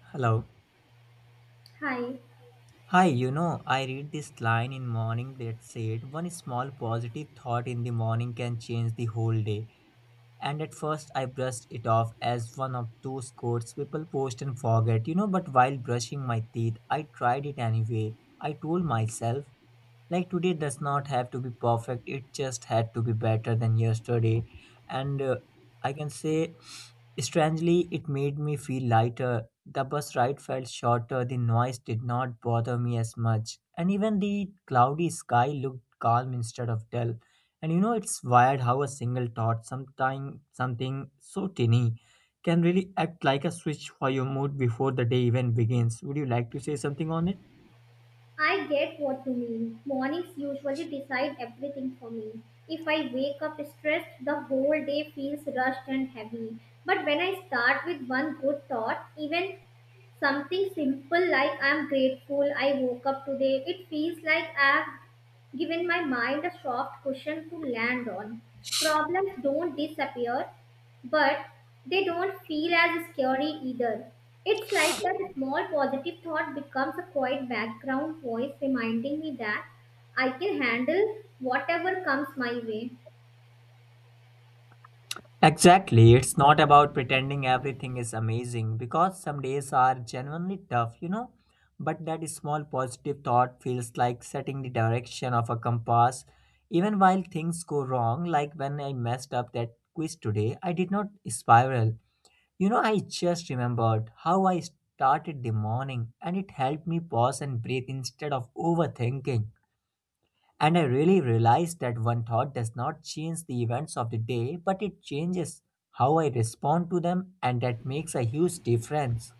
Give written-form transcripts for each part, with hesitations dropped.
Hello. Hi, Hi, you know, I read this line in morning that said one small positive thought in the morning can change the whole day. And at first I brushed it off as one of those quotes people post and forget, you know, but while brushing my teeth, I tried it anyway. I told myself like today does not have to be perfect, it just had to be better than yesterday. And I can say strangely it made me feel lighter. The bus ride felt shorter, the noise did not bother me as much, and even the cloudy sky looked calm instead of dull. And you know it's wired how a single thought sometime, something so tiny, can really act like a switch for your mood before the day even begins. Would you like to say something on it? I get what you mean. Mornings usually decide everything for me. If I wake up stressed, the whole day feels rushed and heavy. But when I start with one good thought, even something simple like I'm grateful I woke up today, it feels like I've given my mind a soft cushion to land on. Problems don't disappear, but they don't feel as scary either. It's like that small positive thought becomes a quiet background voice reminding me that I can handle whatever comes my way. Exactly. It's not about pretending everything is amazing because some days are genuinely tough, you know. But that small positive thought feels like setting the direction of a compass. Even while things go wrong, like when I messed up that quiz today, I did not spiral. You know, I just remembered how I started the morning and it helped me pause and breathe instead of overthinking. And I really realized that one thought does not change the events of the day, but it changes how I respond to them, and that makes a huge difference.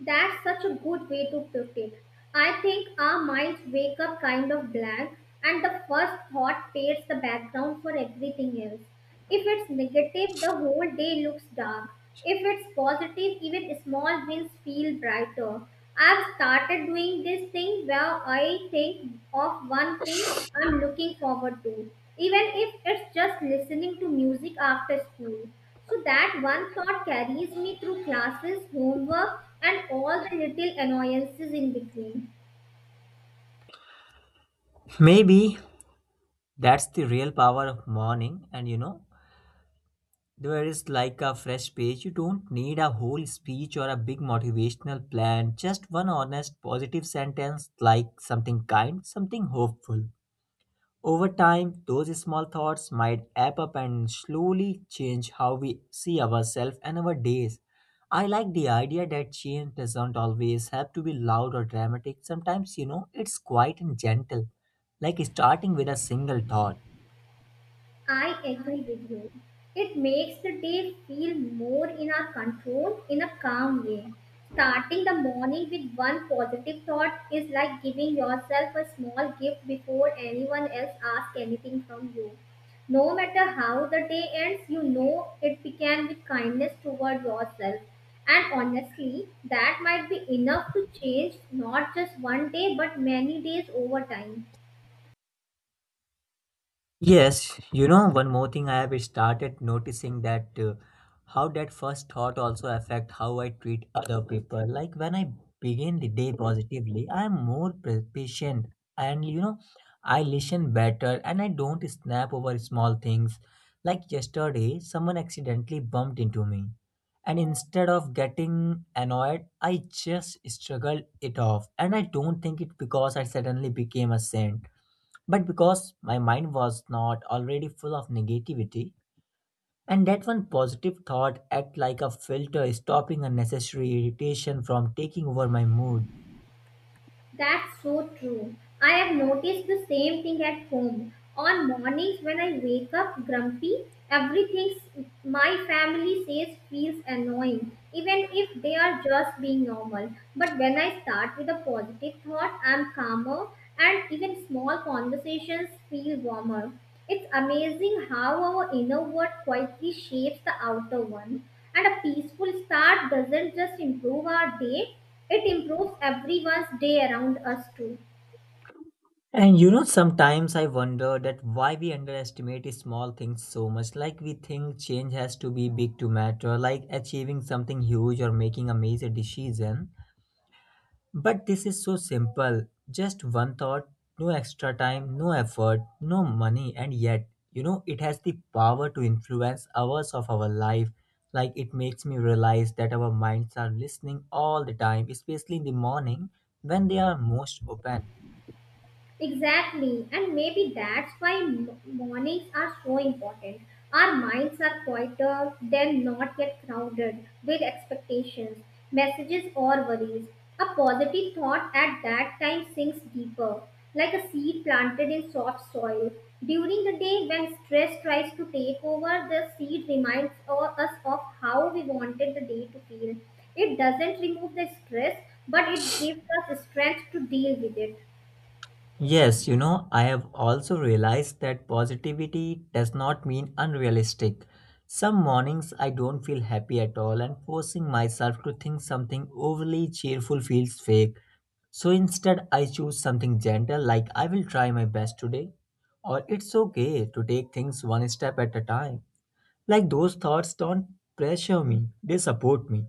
That's such a good way to put it. I think our minds wake up kind of blank, and the first thought paints the background for everything else. If it's negative, the whole day looks dark. If it's positive, even small wins feel brighter. I've started doing this thing where I think of one thing I'm looking forward to, even if it's just listening to music after school. So that one thought carries me through classes, homework, and all the little annoyances in between. Maybe that's the real power of morning, and you know, there is like a fresh page. You don't need a whole speech or a big motivational plan, just one honest, positive sentence like something kind, something hopeful. Over time, those small thoughts might add up and slowly change how we see ourselves and our days. I like the idea that change doesn't always have to be loud or dramatic. Sometimes, you know, it's quiet and gentle, like starting with a single thought. I agree with you. It makes the day feel more in our control in a calm way. Starting the morning with one positive thought is like giving yourself a small gift before anyone else asks anything from you. No matter how the day ends, you know it began with kindness toward yourself. And honestly, that might be enough to change not just one day but many days over time. Yes, you know, one more thing I have started noticing that how that first thought also affect how I treat other people. Like when I begin the day positively, I am more patient, and you know, I listen better and I don't snap over small things. Like yesterday, someone accidentally bumped into me, and instead of getting annoyed, I just struggled it off. And I don't think it because I suddenly became a saint. But because my mind was not already full of negativity, and that one positive thought act like a filter, stopping unnecessary irritation from taking over my mood. That's so true. I have noticed the same thing at home. On mornings when I wake up grumpy, everything my family says feels annoying, even if they are just being normal. But when I start with a positive thought, I'm calmer and even small conversations feel warmer. It's amazing how our inner world quietly shapes the outer one. And a peaceful start art doesn't just improve our day, it improves everyone's day around us too. And you know, sometimes I wonder that why we underestimate small things so much. Like we think change has to be big to matter, like achieving something huge or making a major decision. But this is so simple. Just one thought, no extra time, no effort, no money, and yet, you know, it has the power to influence hours of our life. Like it makes me realize that our minds are listening all the time, especially in the morning when they are most open. Exactly, and maybe that's why mornings are so important. Our minds are quieter, they're not yet crowded with expectations, messages, or worries. A positive thought at that time sinks deeper, like a seed planted in soft soil. During the day, when stress tries to take over, the seed reminds us of how we wanted the day to feel. It doesn't remove the stress, but it gives us strength to deal with it. Yes, you know, I have also realized that positivity does not mean unrealistic. Some mornings I don't feel happy at all, and forcing myself to think something overly cheerful feels fake. So instead, I choose something gentle like I will try my best today, or it's okay to take things one step at a time. Like those thoughts don't pressure me, they support me.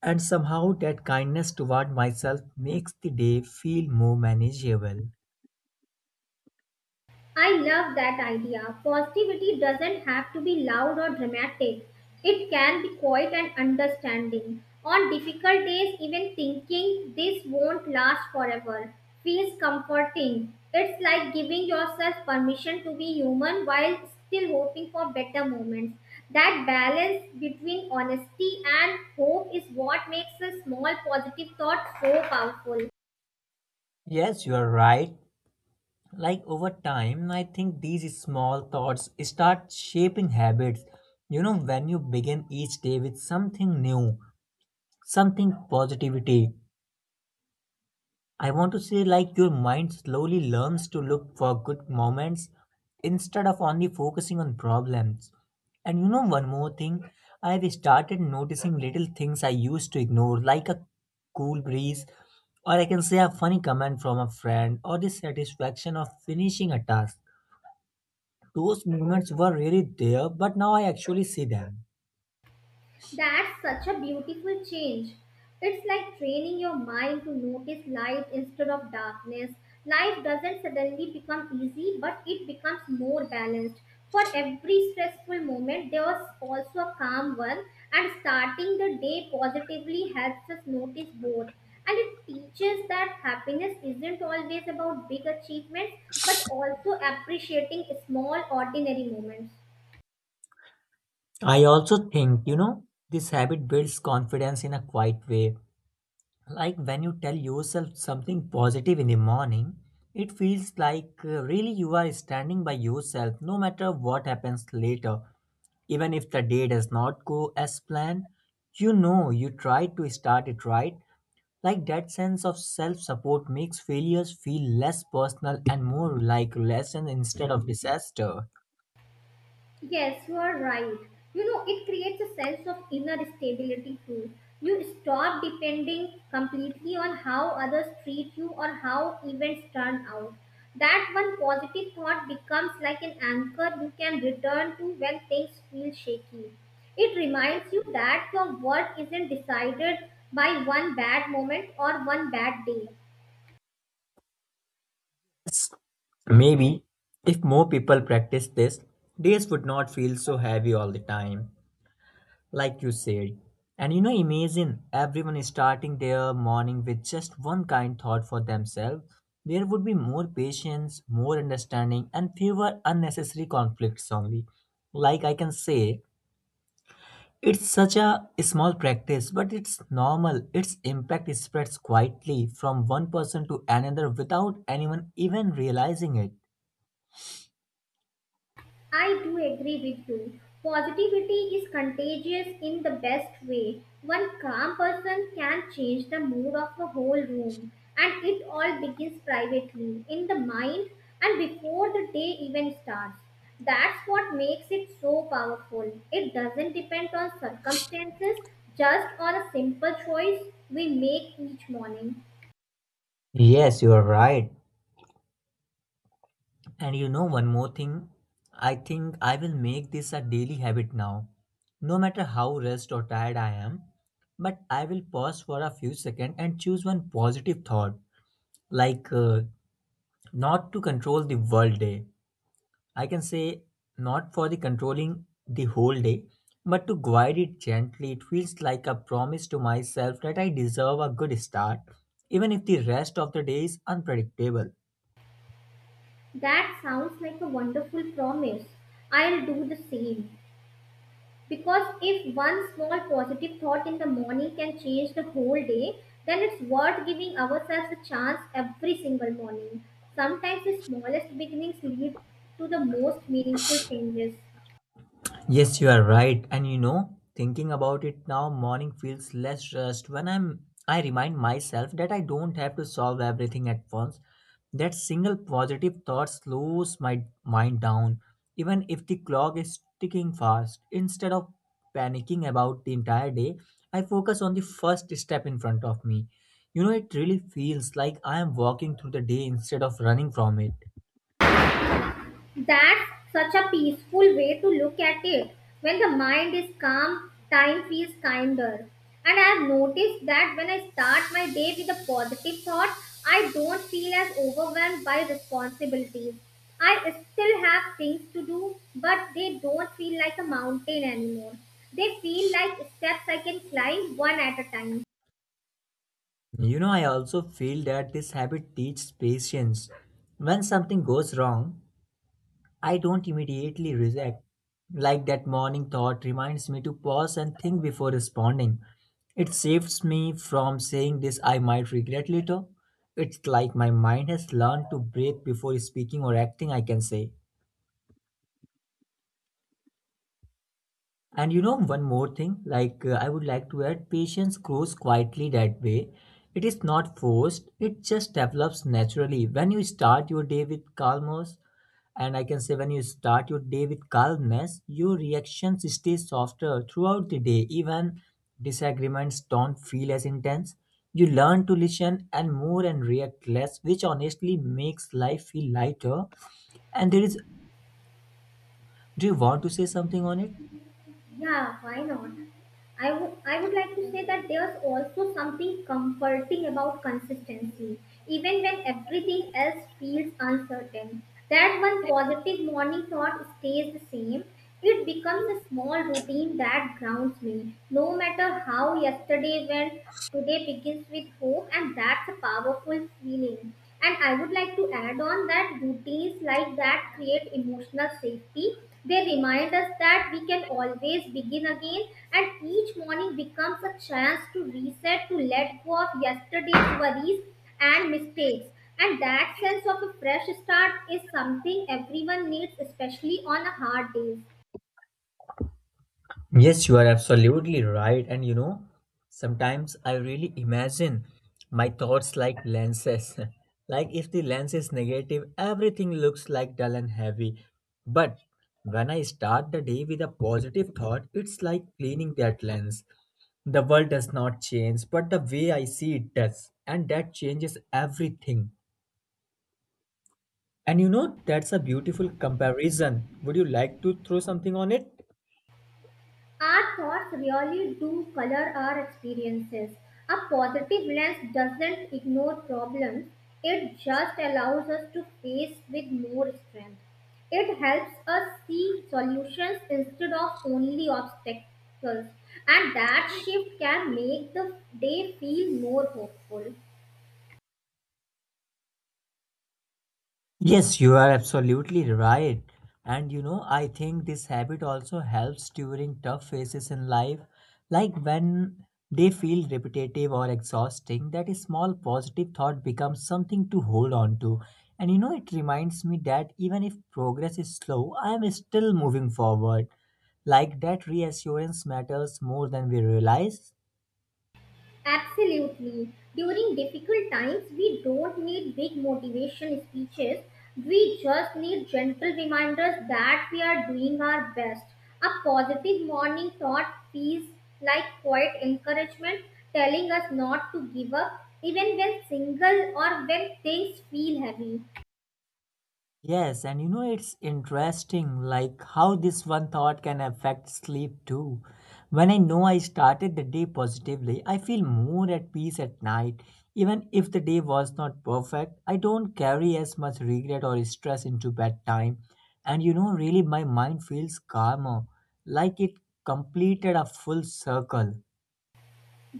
And somehow, that kindness toward myself makes the day feel more manageable. I love that idea. Positivity doesn't have to be loud or dramatic. It can be quiet and understanding. On difficult days, even thinking this won't last forever feels comforting. It's like giving yourself permission to be human while still hoping for better moments. That balance between honesty and hope is what makes a small positive thought so powerful. Yes, you are right. Like over time, I think these small thoughts start shaping habits. You know, when you begin each day with something new, something positivity, I want to say, like, your mind slowly learns to look for good moments instead of only focusing on problems. And you know, one more thing, I've started noticing little things I used to ignore, like a cool breeze, or I can say a funny comment from a friend, or the satisfaction of finishing a task. Those moments were really there, but now I actually see them. That's such a beautiful change. It's like training your mind to notice light instead of darkness. Life doesn't suddenly become easy, but it becomes more balanced. For every stressful moment, there was also a calm one, and starting the day positively helps us notice both. And it teaches that happiness isn't always about big achievements, but also appreciating small, ordinary moments. I also think, you know, this habit builds confidence in a quiet way, like when you tell yourself something positive in the morning it feels like really you are standing by yourself no matter what happens later. Even if the day does not go as planned, you know you tried to start it right. Like that sense of self support makes failures feel less personal and more like lesson instead of disaster. Yes, you are right. You know, it creates a sense of inner stability too. You stop depending completely on how others treat you or how events turn out. That one positive thought becomes like an anchor you can return to when things feel shaky. It reminds you that your worth isn't decided by one bad moment or one bad day. S- Maybe if more people practice this, days would not feel so heavy all the time, like you said. And you know, imagine everyone starting their morning with just one kind thought for themselves. There would be more patience, more understanding, and fewer unnecessary conflicts only. Like I can say, it's such a small practice, but it's normal. Its impact spreads quietly from one person to another without anyone even realizing it. I do agree with you. Positivity is contagious in the best way. One calm person can change the mood of a whole room, and it all begins privately, in the mind, and before the day even starts. That's what makes it so powerful. It doesn't depend on circumstances, just on a simple choice we make each morning. Yes, you are right. And you know one more thing? I think I will make this a daily habit now. No matter how rest or tired I am, but I will pause for a few seconds and choose one positive thought, like not to control the world day. I can say not for the controlling the whole day, but to guide it gently. It feels like a promise to myself that I deserve a good start, even if the rest of the day is unpredictable. That sounds like a wonderful promise. I'll do the same. Because if one small positive thought in the morning can change the whole day, then it's worth giving ourselves a chance every single morning. Sometimes the smallest beginnings lead to the most meaningful changes. Yes, you are right. And you know, thinking about it now, morning feels less rushed when I remind myself that I don't have to solve everything at once. That single positive thought slows my mind down, even if the clock is ticking fast. Instead of panicking about the entire day, I focus on the first step in front of me. You know, it really feels like I am walking through the day instead of running from it. That's such a peaceful way to look at it. When the mind is calm, time feels kinder. And I have noticed that when I start my day with a positive thought, I don't feel as overwhelmed by responsibilities. I still have things to do, but they don't feel like a mountain anymore. They feel like steps I can climb one at a time. You know, I also feel that this habit teaches patience. When something goes wrong, I don't immediately react. Like that morning thought reminds me to pause and think before responding. It saves me from saying this I might regret later. It's like my mind has learned to breathe before speaking or acting, I can say. And you know, one more thing, like I would like to add, patience grows quietly that way. It is not forced, it just develops naturally. When you start your day with calmness, and I can say when you start your day with calmness, your reactions stay softer throughout the day. Even disagreements don't feel as intense. You learn to listen and more and react less, which honestly makes life feel lighter. And there is, do you want to say something on it? Yeah, why not? I would like to say that there's also something comforting about consistency, even when everything else feels uncertain. That one positive morning thought stays the same. It becomes a small routine that grounds me. No matter how yesterday went, today begins with hope, and that's a powerful feeling. And I would like to add on that routines like that create emotional safety. They remind us that we can always begin again, and each morning becomes a chance to reset, to let go of yesterday's worries and mistakes. And that sense of a fresh start is something everyone needs, especially on a hard day. Yes, you are absolutely right. And you know, sometimes I really imagine my thoughts like lenses. Like if the lens is negative, everything looks like dull and heavy. But when I start the day with a positive thought, it's like cleaning that lens. The world does not change, but the way I see it does. And that changes everything. And you know, that's a beautiful comparison. Would you like to throw something on it? Our thoughts really do color our experiences. A positive lens doesn't ignore problems, it just allows us to face with more strength. It helps us see solutions instead of only obstacles, and that shift can make the day feel more hopeful. Yes, you are absolutely right. And you know, I think this habit also helps during tough phases in life, like when they feel repetitive or exhausting, that a small positive thought becomes something to hold on to. And you know, it reminds me that even if progress is slow, I am still moving forward. Like that reassurance matters more than we realize. Absolutely. During difficult times, we don't need big motivation speeches. We just need gentle reminders that we are doing our best. A positive morning thought feels like quiet encouragement telling us not to give up even when single or when things feel heavy. Yes, and you know, it's interesting like how this one thought can affect sleep too. When I know I started the day positively, I feel more at peace at night. Even if the day was not perfect, I don't carry as much regret or stress into bedtime. And you know, really, my mind feels calmer, like it completed a full circle.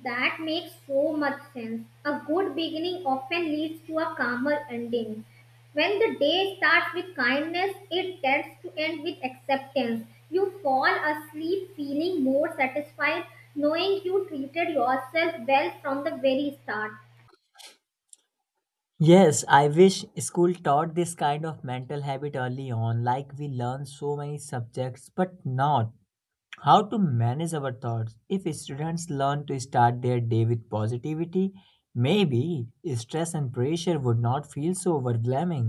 That makes so much sense. A good beginning often leads to a calmer ending. When the day starts with kindness, it tends to end with acceptance. You fall asleep feeling more satisfied, knowing you treated yourself well from the very start. Yes, I wish school taught this kind of mental habit early on, like we learn so many subjects, but not how to manage our thoughts. If students learn to start their day with positivity, maybe stress and pressure would not feel so overwhelming.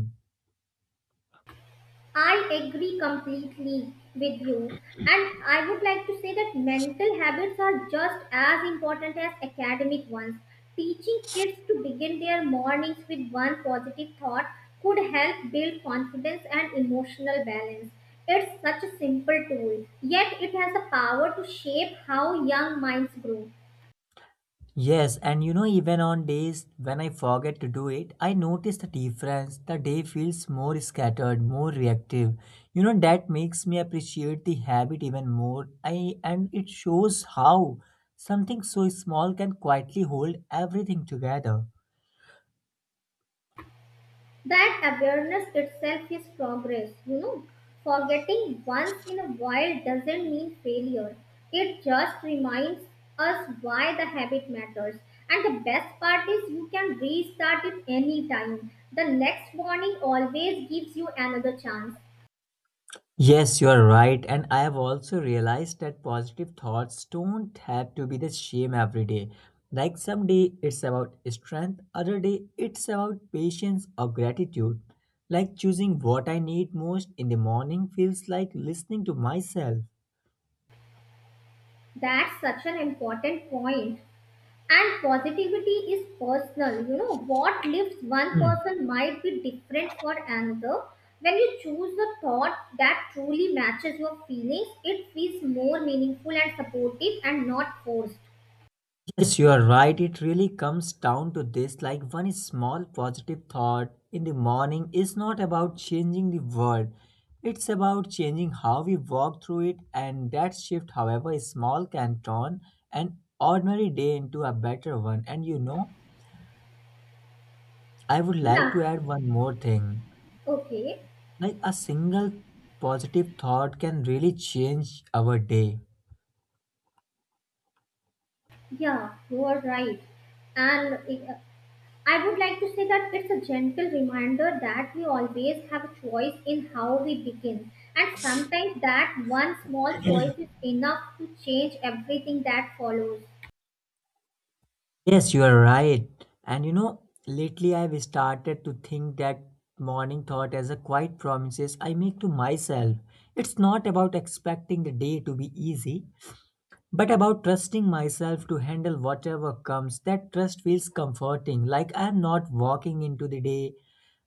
I agree completely with you. And I would like to say that mental habits are just as important as academic ones. Teaching kids to begin their mornings with one positive thought could help build confidence and emotional balance. It's such a simple tool, yet it has the power to shape how young minds grow. Yes, and you know, even on days when I forget to do it, I notice the difference. The day feels more scattered, more reactive. You know that makes me appreciate the habit even more, I and it shows how something so small can quietly hold everything together. That awareness itself is progress, you know. Forgetting once in a while doesn't mean failure. It just reminds us why the habit matters. And the best part is you can restart it anytime. The next warning always gives you another chance. Yes, you are right. And I have also realized that positive thoughts don't have to be the same every day. Like some day it's about strength, other day it's about patience or gratitude. Like choosing what I need most in the morning feels like listening to myself. That's such an important point. And positivity is personal. You know, what lifts one Hmm. person might be different for another. When you choose the thought that truly matches your feelings, it feels more meaningful and supportive and not forced. Yes, you are right. It really comes down to this like one small positive thought in the morning is not about changing the world. It's about changing how we walk through it, and that shift, however small, can turn an ordinary day into a better one. And you know, I would like Yeah, to add one more thing okay. like a single positive thought can really change our day. Yeah, you are right. And I would like to say that it's a gentle reminder that we always have a choice in how we begin. And sometimes that one small choice is enough to change everything that follows. Yes, you are right. And you know, lately I've started to think that morning thought as a quiet promises I make to myself. It's not about expecting the day to be easy, but about trusting myself to handle whatever comes. That trust feels comforting. Like I'm not walking into the day,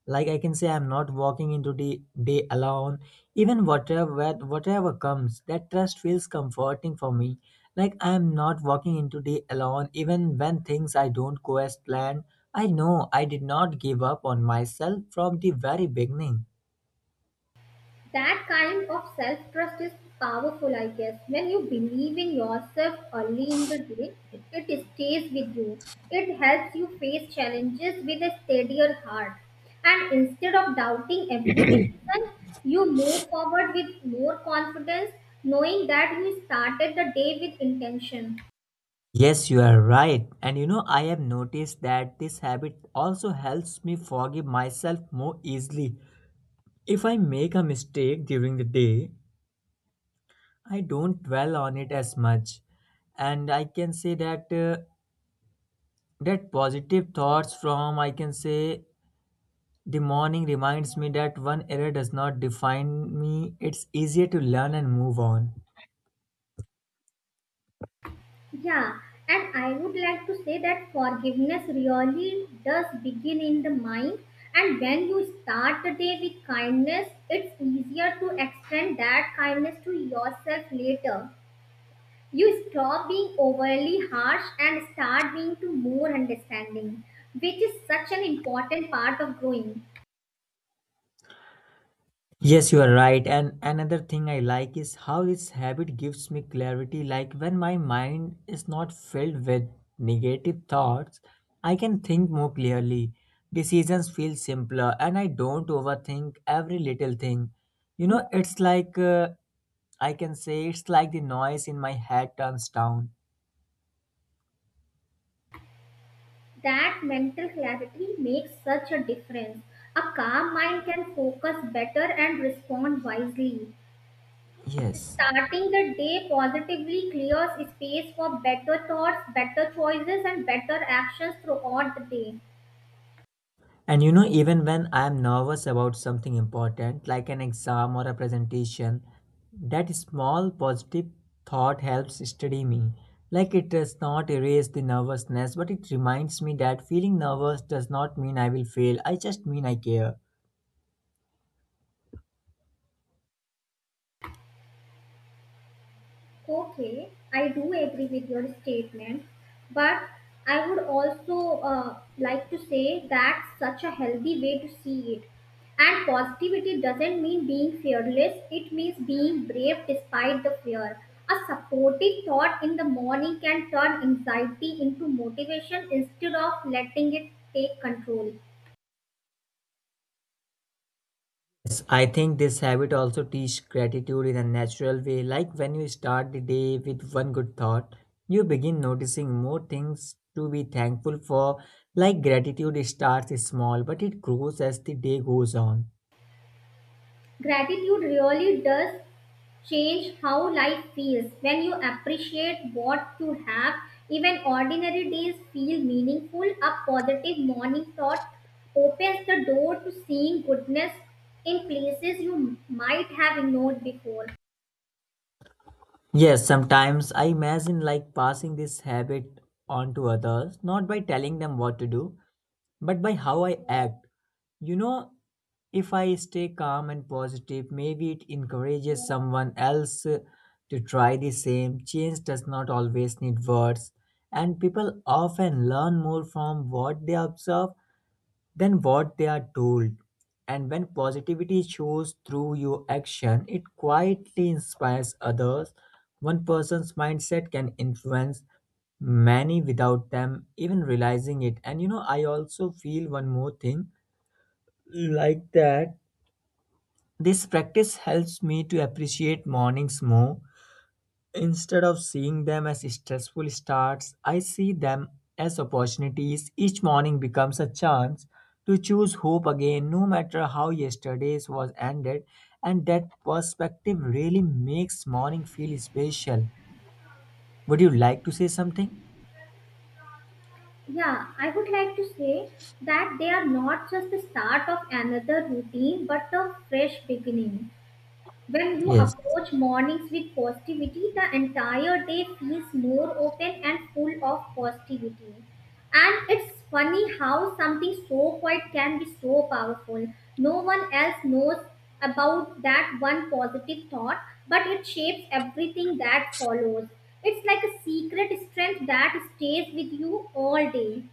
like I can say I'm not walking into the day alone. Even whatever comes, that trust feels comforting for me. Like I'm not walking into day alone. Even when things I don't go as planned, I know I did not give up on myself from the very beginning. That kind of self trust is powerful, I guess. When you believe in yourself early in the day, it stays with you. It helps you face challenges with a steadier heart. And instead of doubting every decision, you move forward with more confidence, knowing that you started the day with intention. Yes, you are right. And you know, I have noticed that this habit also helps me forgive myself more easily. If I make a mistake during the day, I don't dwell on it as much. And I can say that that positive thoughts from I can say the morning reminds me that one error does not define me. It's easier to learn and move on. Yeah, and I would like to say that forgiveness really does begin in the mind. And when you start the day with kindness, it's easier to extend that kindness to yourself later. You stop being overly harsh and start being to more understanding, which is such an important part of growing. Yes, you are right. And another thing I like is how this habit gives me clarity. Like when my mind is not filled with negative thoughts, I can think more clearly. Decisions feel simpler and I don't overthink every little thing. You know, it's like I can say it's like the noise in my head turns down. That mental clarity makes such a difference. A calm mind can focus better and respond wisely. Yes. Starting the day positively clears space for better thoughts, better choices, and better actions throughout the day. And you know, even when I'm nervous about something important, like an exam or a presentation, that small positive thought helps steady me. Like it does not erase the nervousness, but it reminds me that feeling nervous does not mean I will fail, I just mean I care. Okay, I do agree with your statement, but I would also like to say that's such a healthy way to see it. And positivity doesn't mean being fearless, it means being brave despite the fear. A supportive thought in the morning can turn anxiety into motivation instead of letting it take control. Yes, I think this habit also teaches gratitude in a natural way. Like when you start the day with one good thought, you begin noticing more things to be thankful for. Like gratitude starts small, but it grows as the day goes on. Gratitude really does change how life feels. When you appreciate what you have, even ordinary days feel meaningful. A positive morning thought opens the door to seeing goodness in places you might have ignored before. Yes, sometimes I imagine like passing this habit on to others, not by telling them what to do, but by how I act. You know, if I stay calm and positive, maybe it encourages someone else to try the same. Change does not always need words, and people often learn more from what they observe than what they are told. And when positivity shows through your action, it quietly inspires others. One person's mindset can influence many without them even realizing it. And you know, I also feel one more thing like that. This practice helps me to appreciate mornings more. Instead of seeing them as stressful starts, I see them as opportunities. Each morning becomes a chance to choose hope again, no matter how yesterday's was ended. And that perspective really makes morning feel special. Would you like to say something? Yeah, I would like to say that they are not just the start of another routine but a fresh beginning. When you Yes. approach mornings with positivity, the entire day feels more open and full of positivity. And it's funny how something so quiet can be so powerful. No one else knows about that one positive thought, but it shapes everything that follows. It's like a secret strength that stays with you all day.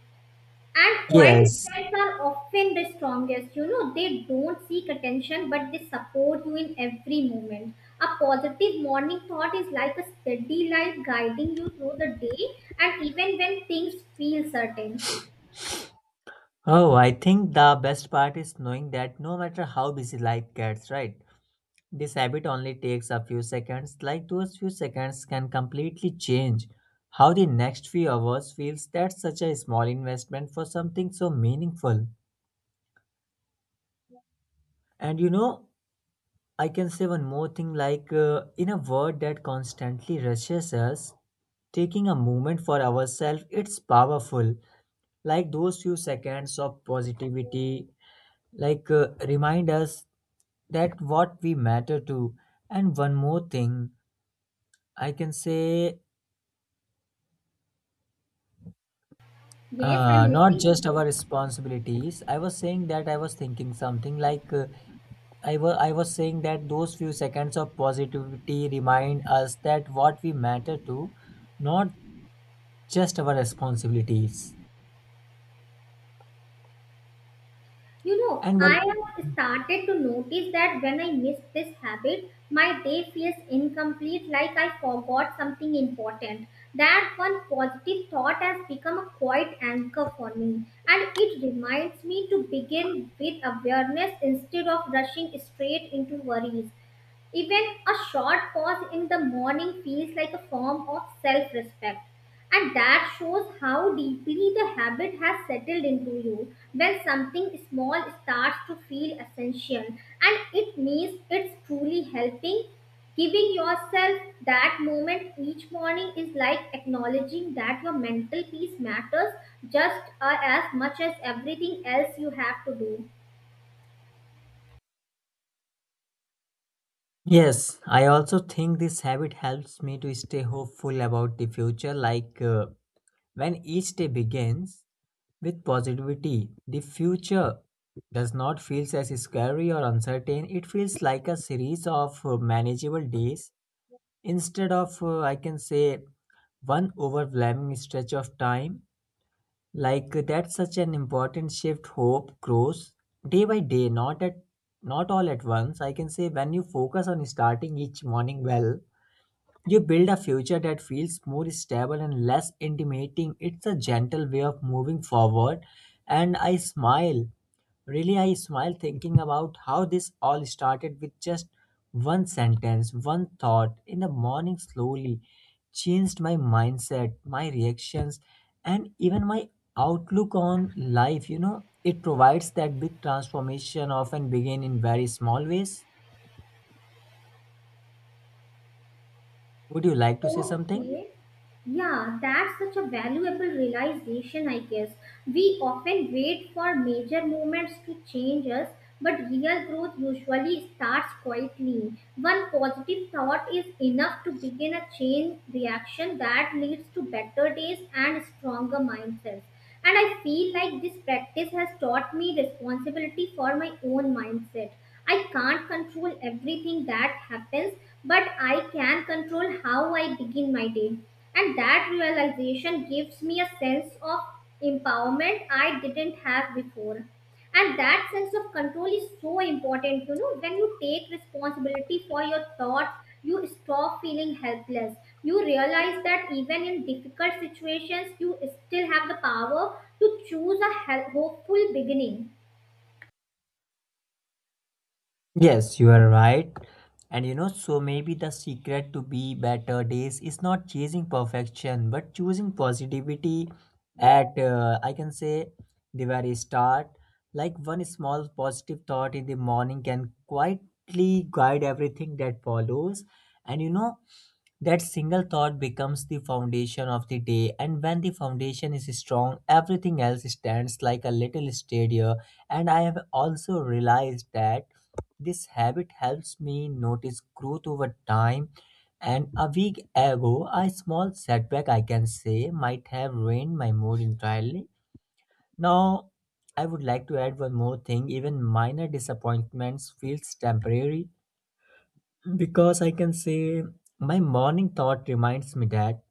And quiet Yes. strikes are often the strongest. You know, they don't seek attention, but they support you in every moment. A positive morning thought is like a steady light guiding you through the day and even when things feel certain. Oh, I think the best part is knowing that no matter how busy life gets, right? This habit only takes a few seconds, like those few seconds can completely change how the next few hours feels. That's such a small investment for something so meaningful. And you know, I can say one more thing like in a world that constantly rushes us, taking a moment for ourselves, it's powerful. Like those few seconds of positivity, like remind us that what we matter to. And one more thing, I can say Yes, I'm not listening just to you. our responsibilities. I was saying that I was thinking something like I was saying that those few seconds of positivity remind us that what we matter to not just our responsibilities You know, and I one. have started to notice that when I miss this habit, my day feels incomplete, like I forgot something important. That one positive thought has become a quiet anchor for me, and it reminds me to begin with awareness instead of rushing straight into worries. Even a short pause in the morning feels like a form of self respect. And that shows how deeply the habit has settled into you. When something small starts to feel essential, and it means it's truly helping, giving yourself that moment each morning is like acknowledging that your mental peace matters just as much as everything else you have to do. Yes, I also think this habit helps me to stay hopeful about the future like when each day begins with positivity, the future does not feel as scary or uncertain. It feels like a series of manageable days instead of, I can say, one overwhelming stretch of time. Like that's such an important shift. Hope grows day by day, not all at once. I can say when you focus on starting each morning well, you build a future that feels more stable and less intimidating. It's a gentle way of moving forward. And I smile, really, I smile thinking about how this all started with just one sentence, one thought in the morning slowly changed my mindset, my reactions, and even my outlook on life. You know, it provides that big transformation often begin in very small ways. Would you like to say something? Okay. Yeah, that's such a valuable realization, I guess. We often wait for major moments to change us, but real growth usually starts quietly. One positive thought is enough to begin a chain reaction that leads to better days and stronger mindsets. And I feel like this practice has taught me responsibility for my own mindset. I can't control everything that happens, but I can control how I begin my day. And that realization gives me a sense of empowerment I didn't have before and that sense of control is so important, you know, when you take responsibility for your thoughts you stop feeling helpless, you realize that even in difficult situations you still have the power to choose a hopeful beginning. Yes, you are right. And you know, so maybe the secret to be better days is not chasing perfection, but choosing positivity at, I can say, the very start. Like one small positive thought in the morning can quietly guide everything that follows. And you know, that single thought becomes the foundation of the day. And when the foundation is strong, everything else stands like a little steadier. And I have also realized that this habit helps me notice growth over time. And a week ago, a small setback, I can say, might have ruined my mood entirely. Now, I would like to add one more thing. Even minor disappointments feels temporary because I can say my morning thought reminds me that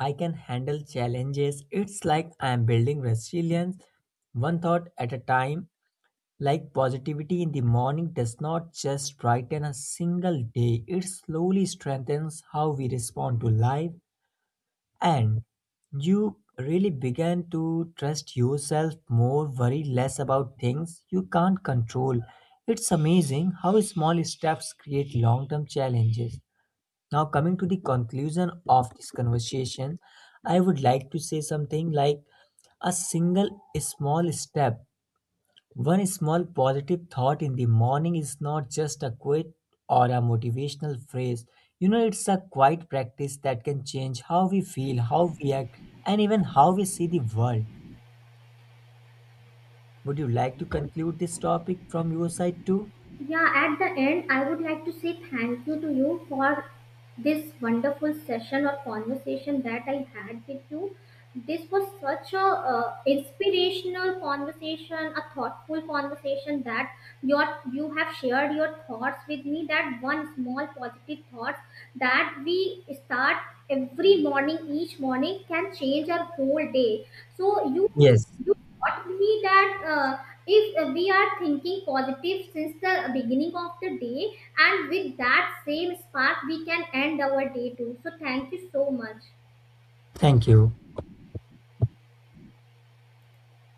I can handle challenges. It's like I'm building resilience one thought at a time. Like positivity in the morning does not just brighten a single day, it slowly strengthens how we respond to life and you really begin to trust yourself more, worry less about things you can't control. It's amazing how small steps create long term challenges. Now, coming to the conclusion of this conversation, I would like to say something like a single small step, one small positive thought in the morning is not just a quote or a motivational phrase. You know, it's a quiet practice that can change how we feel, how we act, and even how we see the world. Would you like to conclude this topic from your side too? Yeah, at the end, I would like to say thank you to you for this wonderful session or conversation that I had with you. This was such a inspirational conversation, a thoughtful conversation that your you have shared your thoughts with me. That one small positive thought that we start every morning, each morning can change our whole day. So Yes. you taught me that. If we are thinking positive since the beginning of the day and with that same spark we can end our day too, so thank you so much. Thank you.